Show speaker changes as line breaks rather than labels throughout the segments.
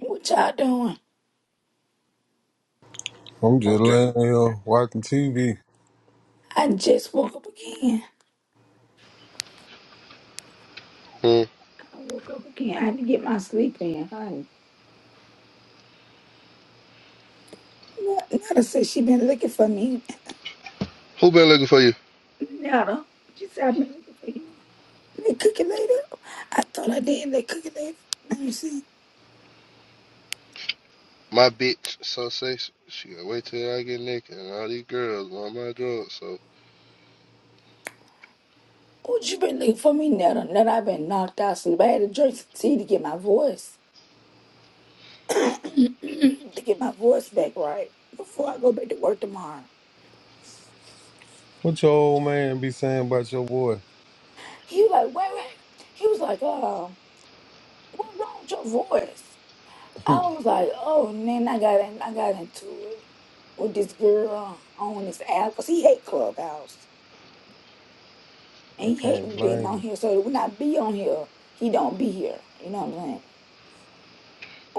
What y'all doing?
I'm just
Okay.
laying here watching TV.
I just woke up again.
Hmm.
I woke up again. I had to get my sleep in, honey. N- Nada said she been looking for me.
Who been looking for you?
Nada. She said I've been looking for you. They cook it later. I thought I did. They cook it later. Let me see.
My bitch. So say s- she gotta wait till I get naked and all these girls on my drugs. So
What you been looking for me, Nada? Nada, i been knocked out sleep. I had to drink some tea to get my voice. to get my voice back right before I go back to work tomorrow.
What your old man be saying about your boy?
He was like, wait, wait. He was like, uh, what wrong with your voice? I
I
was like, oh, and then I got in, I got into it with this girl on this app because he hate Clubhouse and he hate
can't
me being
blame
on
him.
here. So when I be on here, he don't be here. You know what I'm saying?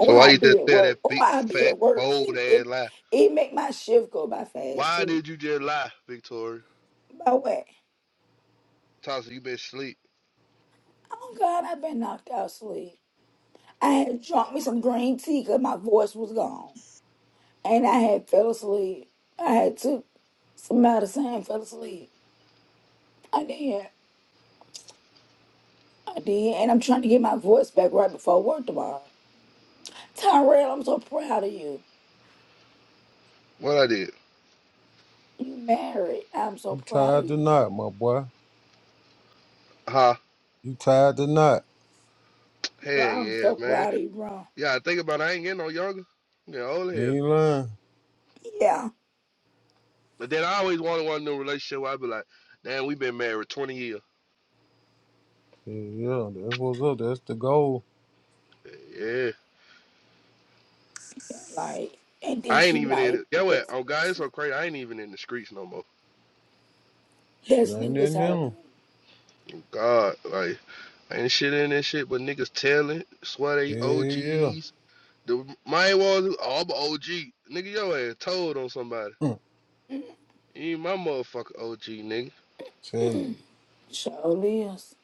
so why
I
you
be
just
at
tell that
work. Or
big
I be
fat
at work.
bold
It
ass
it,
lie?
it make my shift go by fast
Why
too.
did you just lie, Victoria?
By way,
Tasha, you been sleep.
oh God, i been knocked out asleep. I had drunk me some green tea because my voice was gone, and I had fell asleep. I had took some medicine and fell asleep. I did. I did, and I'm trying to get my voice back right before work tomorrow. Tyrell, I'm so proud of you.
What I did?
You married. I'm so
You
proud of
tired or
you,
not, my boy?
Huh?
You tired or not?
bro.
Hell
I'm
yeah,
so
man.
proud of you, bro.
Yeah, I think about it, I ain't getting no younger. I'm getting older
You
here.
ain't lying.
Yeah,
But then I always wanted one new relationship where I be like, damn, we been married twenty years.
Yeah, yeah, that's what's up. That's the goal.
Yeah.
yeah, like, and then
I ain't
she
even in
like
it.
the
Yeah, what?
best
Oh God, it's so
person.
crazy. I ain't even in the streets no more.
Shit
That's
ain't
who is
nothing in
her.
him.
God, like Ain't shit in that shit, but niggas telling. Swear they
Yeah,
OGs. The main ones, oh, I'm a OG. Nigga, your ass told on somebody.
yeah.
You ain't my motherfucker OG, nigga.
Tell you.
Sure is.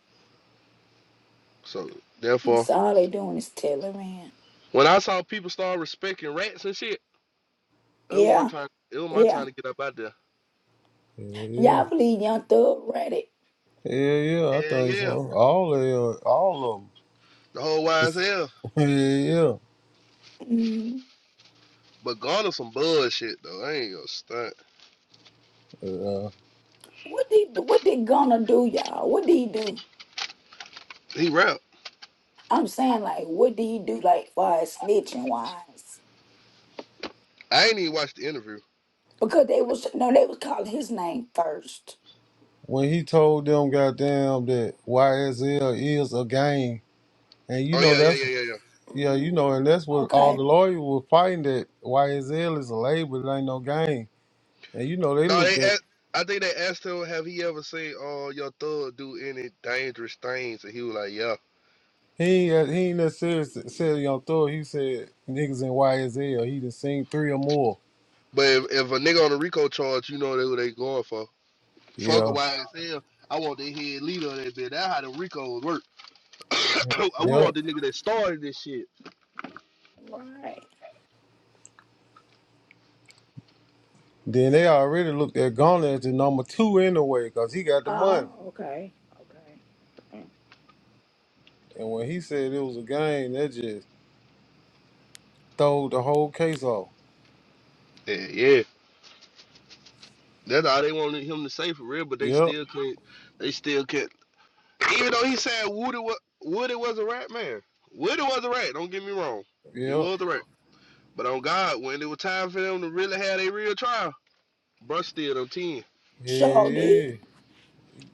So, therefore,
It's all they doing is telling man.
when I saw people start respecting rats and shit, it was my
Yeah,
time, it was my
yeah.
time to get up out there.
Yeah, yeah.
Y'all believe young thug ready.
Yeah, yeah, I
Hell
think so.
yeah.
All of them. All of them.
The whole wise hell.
Yeah,
Mm.
But Garner some bullshit, though. I ain't gonna stunt.
yeah. Uh,
What did what they gonna do, y'all? What did he do?
He rap.
I'm saying like, what did he do like for his snitching wise?
I ain't even watched the interview.
because they was no, they was calling his name first.
when he told them goddamn that YSL is a game, and you
Oh,
know
yeah, yeah,
that's
yeah, yeah, yeah.
Yeah, you know, and
Mm,
that's what all
okay,
the lawyers were fighting that YSL is a label, it ain't no game. And you know, they
No,
looked
they.
at
Asked, I think they asked him, "Have he ever seen uh, your thug do any dangerous things?" And he was like, "Yeah."
he ain't he ain't that necessarily said on throw. He said niggas in YSL. He done seen three or more.
But if, if a nigga on a RICO charge, you know they what they going for. Fuck a
Yeah,
YSL. I want the head leader of that bitch. That's how the RICOs work. we
yep.
want the nigga that started this shit.
right.
Then they already looked at Garner as the number two anyway, cause he got the money.
Oh, okay, okay. okay.
And when he said it was a game, that just throw the whole case off.
Yeah, yeah. That's all they wanted him to say for real. But they
Yep,
still can't. They still can't. Even though he said Woody was Woody was a rat man. Woody was a rat. Don't get me wrong. He
yep.
was a rat. But on God, when it was time for them to really have their real trial, bruh still on 10
Yeah,
So did
yeah.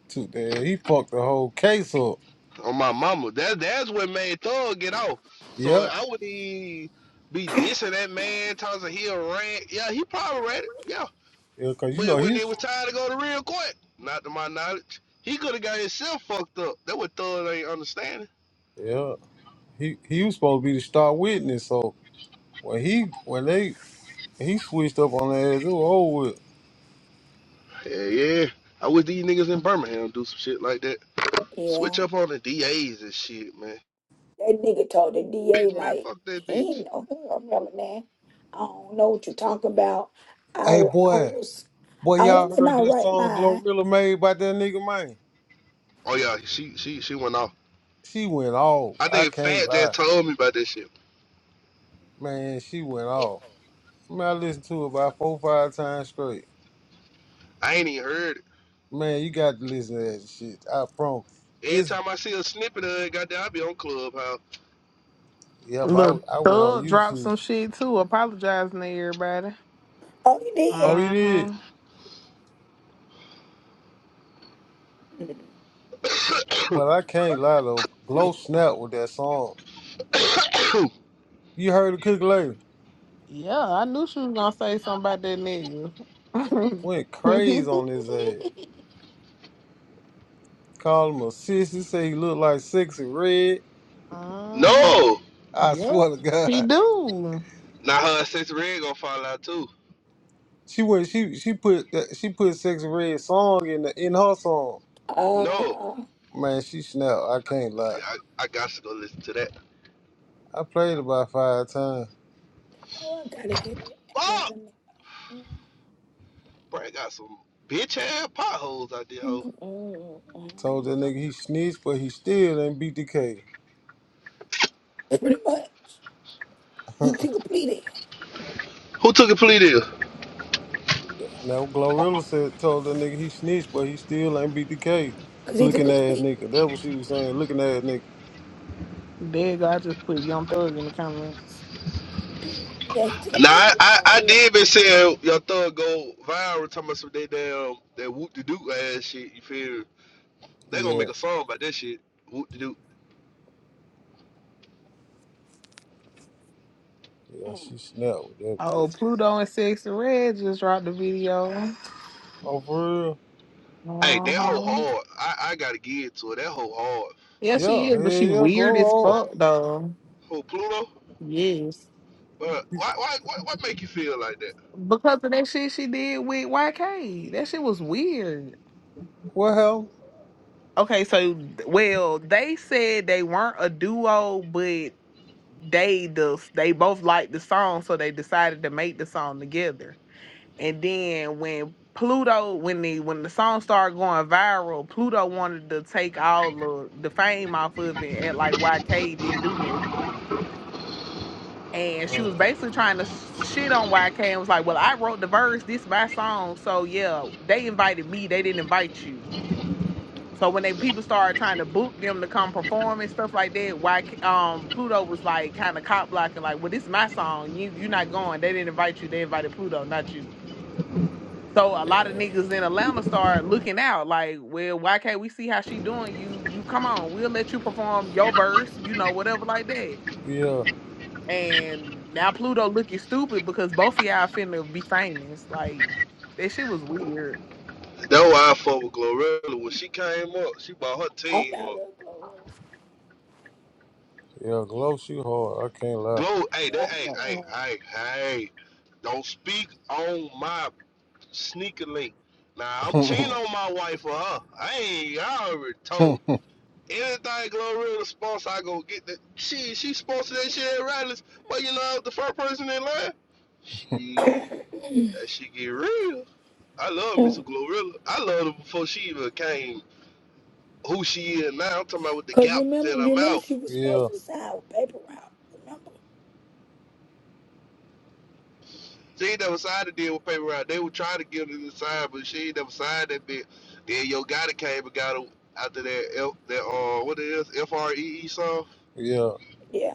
Took that. He fucked the whole case up.
on my mama. That that's what made Thug get off. So
Yep.
I would be be dissing that man, talking about he a rant. Yeah, he probably read it. Yeah.
Yeah, cause you
But
know
when it
he's
was time to go to real court, not to my knowledge, he could have got himself fucked up. That what Thug ain't understanding.
yeah. he he was supposed to be the star witness. So when he when they he switched up on that ass, it was over with.
Yeah, yeah. I wish these niggas in Birmingham do some shit like that. Switch
yeah.
up on the DAs and shit, man.
That nigga told the DA
Bitch, man,
like
fuck that
he
bitch.
ain't know. He do remember that. I don't know what you talking about. I
Hey
wa- I
boy,
was
boy,
I
y'all
was in
heard
my
that
right
song
mind.
Glorilla made by that nigga man?
Oh yeah, she she she went off.
She went off.
I
I
think
can't
Fat just
lie,
told me about this shit.
man. She went off. Man, I listened to it about four five times straight.
I ain't even heard it.
Man, you got to listen to that shit. I promise.
Every
It's
time I see a snippet of it, goddamn, I be on Clubhouse.
yeah, but
Look,
I, I went on
Thug dropped some
YouTube.
shit too, apologizing to everybody.
Oh, you did.
Oh, you did?
Mm-hmm.
Mm.
But I can't lie though. Glow snap with that song. You heard the cook later.
Yeah, I knew she was gonna say something about that nigga.
Went crazy on his ass. Called him a sissy, say he looked like sexy red.
mm-hmm.
No,
I
Yep,
swear to
he
God,
do.
now her and Sexy Red gonna fall out too.
she went. She she put that- she put sexy red song in the, in her song.
No,
Uh, oh,
Man, she snapped. I can't
I,
lie.
I, I got to go listen to that.
I played about five times.
I gotta hit it. Yeah,
Fuck,
let me.
bro, I got some bitch ass potholes out there, hoe.
mm, mm,
Told
mm.
that nigga he snitched, but he still ain't beat the K.
Pretty much, he took a plea deal.
Who took a plea deal?
Now Glorilla said told that nigga he snitched, but he still ain't beat the K.
Cause he took
Looking
a
ass
plea.
nigga. That's what she was saying. Looking ass nigga.
There you go. I just put Young Thug in the comments.
yeah, he took a
Now
plea
I,
deal.
I, I
Tyrell.
did been saying your thug go viral talking about some they damn that whoop de doo ass shit. You feel me? They gonna
Yeah,
make a song about that shit. Whoop de doo.
yeah.
Mm.
She snapped with that
Oh,
bitch.
Pluto and Sexy Red just dropped the video.
Oh for real?
Hey, that whole
Uh-huh.
hard. I, I gotta give it to her. That whole hard.
Yeah, she
Yeah,
is,
hell
but she
yeah.
weird as
Glow hard.
fuck though.
Who Pluto?
Yes.
Uh, why, why, why, what make you feel like that?
Because of that shit she did with YK. That shit was weird.
What hell?
Okay, so well, they said they weren't a duo, but they the they both liked the song, so they decided to make the song together. And then when Pluto, when the when the song started going viral, Pluto wanted to take all the the fame off of it, and like YK didn't do nothing. And she was basically trying to shit on YK and was like, "Well, I wrote the verse. This my song. So yeah, they invited me. They didn't invite you." So when they people started trying to book them to come perform and stuff like that, why um Pluto was like kind of cop blocking, like, well, this my song, you you not going. They didn't invite you, they invited Pluto, not you. So a lot of niggas in Atlanta started looking out, like, well, why can't we see how she doing? You you come on, we'll let you perform your verse, you know, whatever like that.
Yeah,
And now Pluto looking stupid because both of y'all finna be famous. Like that shit was weird.
That's why I fuck with Glorilla. When she came up, she brought her
Oh
team
yeah, all
up.
little girl.
yeah, Gloss, you hard. I can't
Glow, hey, that,
Yeah,
hey,
I'm
hey,
alone.
hey, hey, don't speak on my sneaker link. Now I'm cheating
lie.
on my wife for her. I ain't, I already told. Anything Glorilla sponsor, I go get that. She, she sponsored that shit at Riley's. But you know, the first person in line. She. That shit get real. I love Mr.
Mm.
Glorilla. I loved her before she even came who she is now. I'm talking about with the
Cause you
gap in
remember
her
you remember
mouth.
she was supposed
yeah,
to sign with paper route, remember?
She ain't never signed a deal with Paper Route. They were trying to get her to sign, but she ain't never signed that bit. Then Yo Gotti came and got her after that, F, that uh, what it is, F-R-E-E song.
yeah,
Yeah.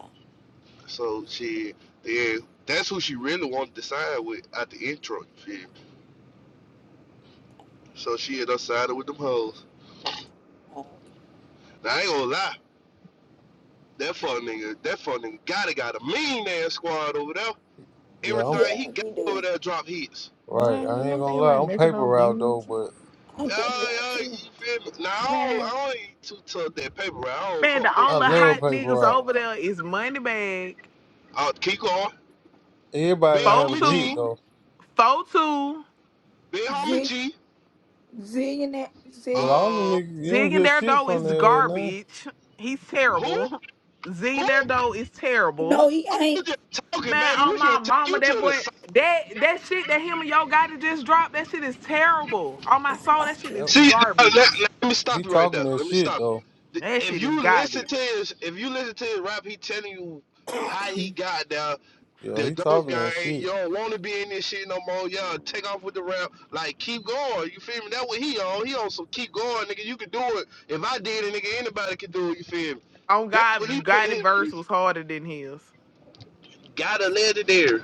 So she, then that's who she really wanted to sign with at the intro. Shit. So she ended up signing with them hoes.
Oh, okay.
Now, I ain't gonna lie. That fuck nigga, that fuck nigga Gotti got a mean ass squad over there.
yeah.
everything
I'm
he
Yeah,
got
he
over
do.
there drop hits.
right.
He
Man,
I
do.
ain't
them
gonna
niggas
lie.
ain't
I'm
making
paper
no
route though,
music.
but
I'm paper
Yeah,
route
yeah,
too.
you feel me? Now I
Man.
don't, I don't ain't too tough that paper route. I don't
Man,
fuck
the
with that
I
only
shit.
love
hot
paper
niggas
route.
over there is Moneybag,
Uh, keep going.
Everybody
Big
done had
homie
a hit
G.
Fotu,
though,
Fotu.
Big homie
Z
G.
zillionaire
but
zillion
all them
Uh,
niggas, you don't
Zigging
hear
their
shit
dough
from
is
there now.
garbage. He's
who?
terrible. Zigging
Who?
their dough is
No,
terrible.
he
I'm
ain't.
just talking,
Man,
baby. We
on my
finna take
mama,
you to
that boy,
the
that that shit that him and yo got to just drop, that shit is terrible. On my
I
soul, that shit
like
is
That,
See, no, let,
garbage.
let me stop
he
you right there.
talking that
Let me
shit
stop you.
though.
The-
That
If
shit is
you listen
garbage.
to his, if you listen to his rap, he telling you how he
him.
got there.
Yeah,
The
he
dope
talking
guy,
that
ain't- you
shit.
don't want to be in this shit no more. Yeah, take off with the rap. Like, keep going. You feel me? That what he on. He on some keep going, nigga. You can do it. If I did it, nigga, anybody can do it. You feel me?
On
That's what he
God,
put
God,
in his
verse
music.
was harder than his.
Got a legendary.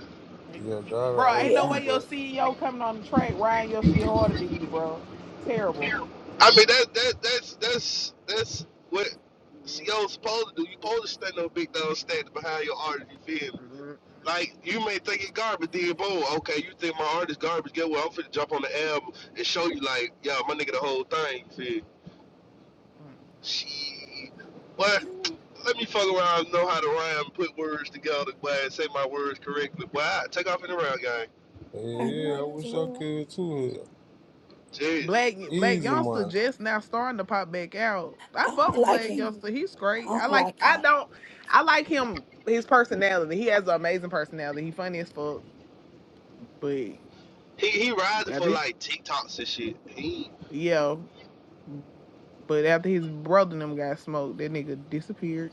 Yeah, got a
Bro, ain't no
yeah.
OG,
way your
but
CEO coming on the track riding your shit harder than you, bro. Terrible.
I mean, that that that's that's that's what
Mm,
CEO's supposed to do. You supposed to stand up big dog standing behind your artist. You feel me?
mm,
Like you may think it garbage, then boom, okay, you think my art is garbage. Get well. I'm finna jump on the album and show you, like, yo, my nigga, the whole thing. You feel?
mm.
She, but let me fuck around, know how to rhyme, put words together, but say my words correctly. But I take off in the round, gang.
yeah,
I
yeah,
know
I
that's
wish I
real.
could too. Hell,
Jeez,
Black Black
easy
Youngster
money.
just now starting to pop back out. I
I
fuck
don't
with
like
Black
him.
Youngster. He's
I
great. I
don't
like
like
I
him.
don't I like him his personality. He has an amazing personality. He funny as fuck. But
he he rising
I
for
think
like TikToks and shit. He,
yeah. But after his brother and them got smoked, that nigga disappeared.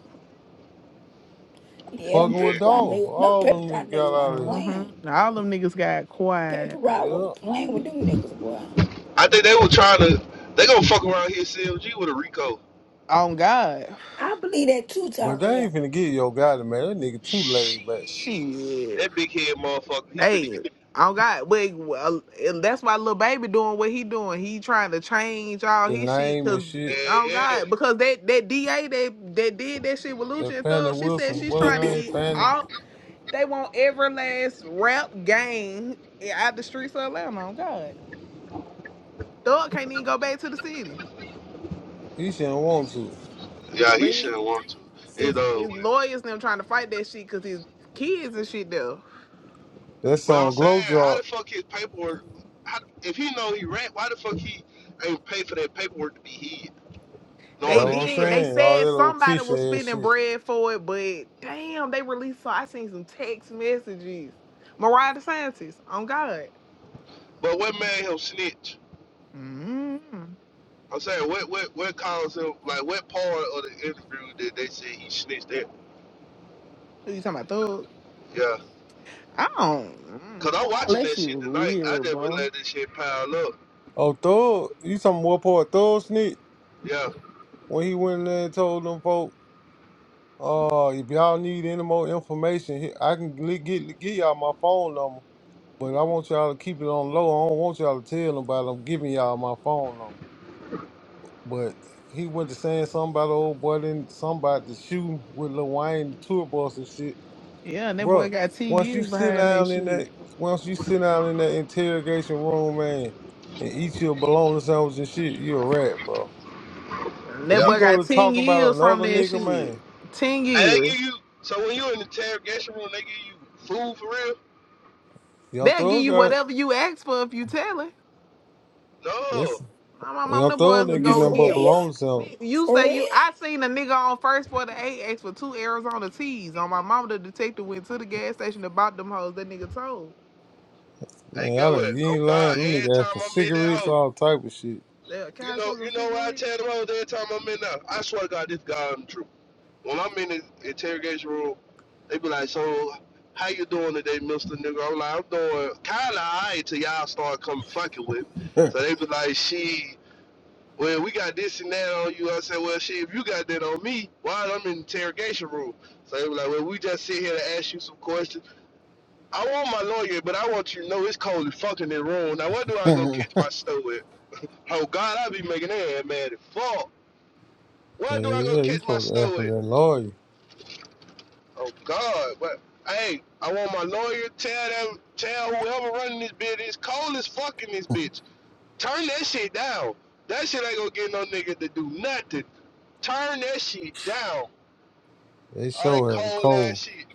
Yeah, them
Fucking with
yeah,
paper route
Dolph.
niggas them
All
paper
them
route
niggas
niggas
got out
weren't
of
playing.
Mm-hmm. All them niggas got
Paper
quiet.
Route
here.
was
Yeah.
playing with them niggas, boy.
I think they were trying to. They gonna fuck around here, CLG with a Rico.
On God.
I believe that too,
But they ain't
Tyrell.
finna get yo guy, man. That nigga too laid back.
Shit,
Shit.
that big head motherfucker. He finna.
Hey. On God. Wait, well, and that's why little baby doing what he doing. He trying to change all
The
his shit
name
because
and shit.
on
Yeah, yeah.
God. Because that, that DA that, that did that shit with
That
Lucha and
Fannie
Thug, she said
Wilson,
she's
what
trying to
her name?
get
you
Fannie.
all they want every last rap gang out the streets of Atlanta. On God. Thug can't even go back to the city.
He shouldn't want to.
Yeah,
But
he
he-
shouldn't want to.
his
It uh,
his
when-
lawyers and them trying to fight that shit because his kids and shit though.
That
well, I'm
song
saying,
Glow
how the
Drop.
fuck his paperwork? How, if he know he rent, why the fuck he ain't pay for that paperwork to be hid,
You
They
knowing
know what
that
I'm
you
did.
rent?
They
saying? All that
said
little
somebody
fish
was
ass
spending
shit.
bread for it, but damn, they released. So I seen some text messages. Mariah the scientist. on God.
But what made him snitch?
mm
I'm saying, what what what caused him? Like, what part of the interview did they say he snitched at?
Who you talking about, Thug?
Yeah,
I don't.
cause
Mm,
I'm
all
watching
that
that
shit
shit
was
tonight. I
weird,
just would
bro.
let this shit pile up.
Oh, Thug, you talking more part Thug Sneak?
Yeah,
When he went in there and told them folk, uh, if y'all need any more information, he- I can li- get give y'all my phone number, but I want y'all to keep it on low. I don't want y'all to tell nobody I'm giving y'all my phone number. But he went to saying something about the old boy, then somebody the shooting with Lil Wayne, the tour bus and shit.
Yeah, and that boy
bro.
got 10
once you
years
sit
behind that
down in
shit.
that, once you sit down in that interrogation room, man, and eat your bologna sandwich and shit, you a rat, bro.
And
And
that
yeah.
you
boy
go
got
to
10
talking about
years from
another
that
nigga,
shit.
man.
10
And they
years.
give you so when you in the interrogation room, they give you food for real?
Young
They'll give
Thug
you
got,
whatever you ask for if you tell it.
No.
listen,
My my mom,
Young
them
Thug
boys
didn't
would
get
go
nothing
for
but
give.
real?
bologna sandwich.
Me- You say
For
you?
real?
I seen a nigga on first for the eight ask for two Arizona teas. On my mama, the detective went to the gas station and bought them hoes. That nigga told.
Hey,
Man, I
go with
done,
it.
you
Oh
ain't
God,
lying. Them
every
niggas
time
asked for
I'm in that
cigarettes,
hoe,
all type of shit.
That, Can
You
I
know,
smoke a
you know why I
cigarette?
tear the road every time I'm in there. I swear to God, this guy i true. When I'm in the interrogation room, they be like, "So, how you doing today, Mister Nigga?" I'm like, "I'm doing kind of alright till y'all start coming fucking with." Me. So they be like, "She, well, we got this and that on you." I said, "Well, she, if you got that on me, why I'm in the interrogation room?" So they be like, "Well, we just sit here to ask you some questions." I want my lawyer, but I want you to know it's cold as fucking in the room. Now, what do I go
Hell
catch my stuff with? Oh God, I be making that ass mad as fuck.
yeah,
Where do I go
you
catch my
supposed to ask
stove
for that
at?
lawyer.
Oh God! But hey, I want my lawyer tell them, tell whoever running this bitch, it's cold as fuck in this bitch. Turn that shit down. That shit ain't gonna get no nigga to do nothing. Turn that shit down.
They
All that
sure have a
cold ass
cold.
shit.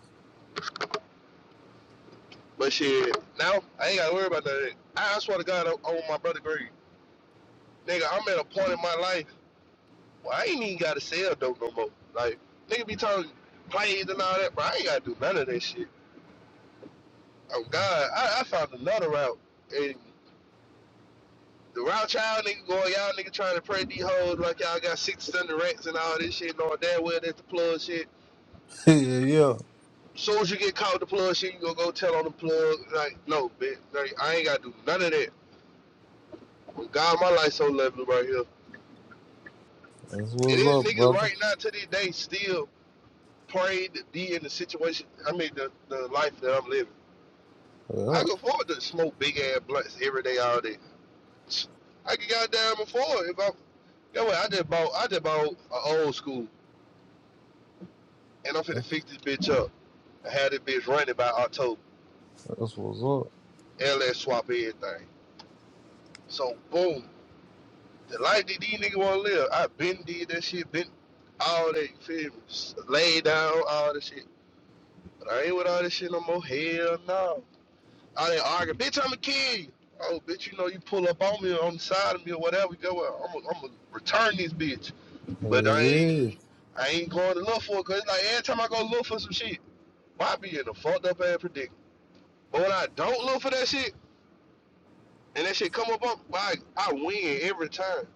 But shit, now I ain't gotta worry about that. I swear to God, I'm on my brother green. Nigga, I'm at a point in my life where I ain't even gotta sell dope no more. Like, nigga be talking plays and all that, bro. I ain't gotta do none of that shit. Oh God, I, I found another route. And the route y'all nigga going, y'all nigga trying to pray these hoes like y'all got six thunder rats and all this shit, knowing damn well that's the plug shit.
Hey, Yeah, yeah,
Soon as you get caught with the plug shit, you gonna go tell on the plug. Like, no, bitch, like, I ain't gotta do none of that. When God, my life so lovely right here.
that's
It
what's
is
up,
niggas
brother.
right now to this day still prayed to be in the situation. I mean, the, the life that I'm living. I
Yeah,
go forward to smoke big ass blunts every day, all day. I can goddamn afford if I Yo, I just bought I just bought an old school, and I'm finna fix this bitch up. I had this bitch running by October.
that's what's up.
LS swap everything. So boom, the life that these niggas wanna live. I been did that shit, been all that. You feel me? S- Lay down, all that shit. But I ain't with all this shit no more. Hell no. I didn't argue. Bitch, I'ma kill you. Oh, bitch, you know you pull up on me or on the side of me or whatever. You go, well, I'm gonna I'm return this bitch.
Hey,
But I
yeah,
ain't, I ain't going to look for it 'cause it's like every time I go look for some shit. I be in a fucked up ass predicament? But when I don't look for that shit and that shit come up, on, I I win every time.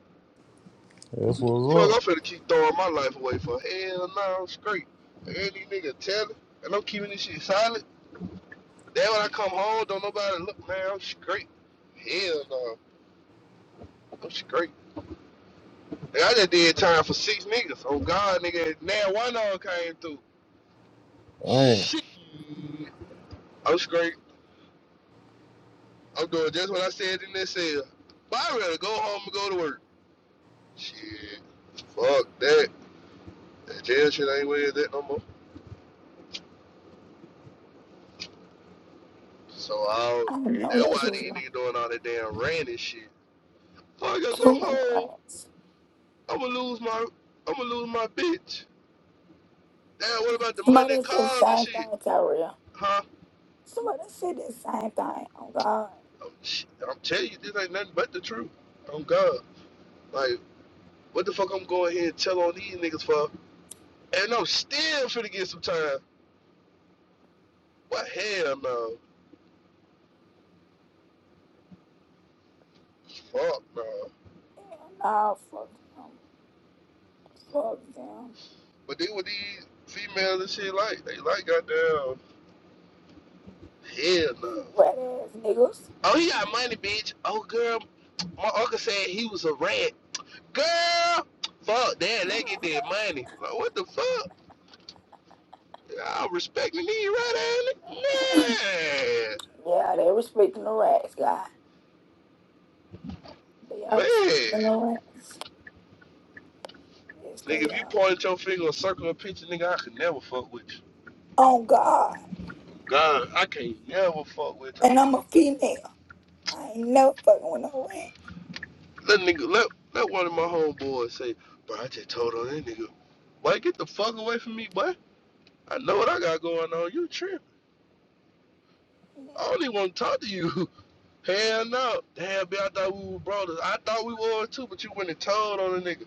that's
Fuck,
what's
I'm
up.
finna keep throwing my life away for hell no, I'm straight. Like, ain't these niggas telling, and I'm keeping this shit silent. Then when I come home, don't nobody look, man, I'm straight. Hell no, I'm straight. Like, I just did time for six niggas. Oh God, nigga, now one of them came through.
Hey.
Shit, I'm straight. I'm doing just what I said in that cell. But I rather go home and go to work. Shit, fuck that. That jail shit ain't with that no more. So I'll.
I know
That's
that's
why
real.
these niggas doing all that damn ranting shit. Fuck, I gotta
Too
go
many
home.
rats.
I'ma lose my. I'ma lose my bitch. Damn, what about the money,
Somebody
and
else said the
cars and
same
shit?
thing, Tyrell.
Huh?
Somebody else said the same thing. Oh, God.
I'm, I'm telling you, this ain't nothing but the truth. Oh God, like what the fuck I'm going here and tell on these niggas for? And I'm still finna get some time. What hell no? Fuck no.
Hell nah, fuck them. Fuck them.
But they with these females and shit like they like goddamn. Hell no.
These rat ass niggas.
Oh, he got money, bitch. Oh, girl, my uncle said he was a rat. Girl, fuck that. Let get that money. Like, what the fuck? I'm respecting these right at
yeah, they respecting the rats, guy. They
Man,
are respecting
man.
the rats. Yes,
Nigga,
they
if you
are.
point your finger or circle a picture, nigga, I could never fuck with you.
Oh, God.
God, I can't never fuck with you.
And I'm a female. I ain't never fucking with no rat.
Let nigga, let, let one of my homeboys say, bro, I just told on that nigga, boy, get the fuck away from me, boy. I know what I got going on. You tripping. I don't even want to talk to you. Hell no. Damn, man, I thought we were brothers. I thought we were too, but you went and told on the nigga.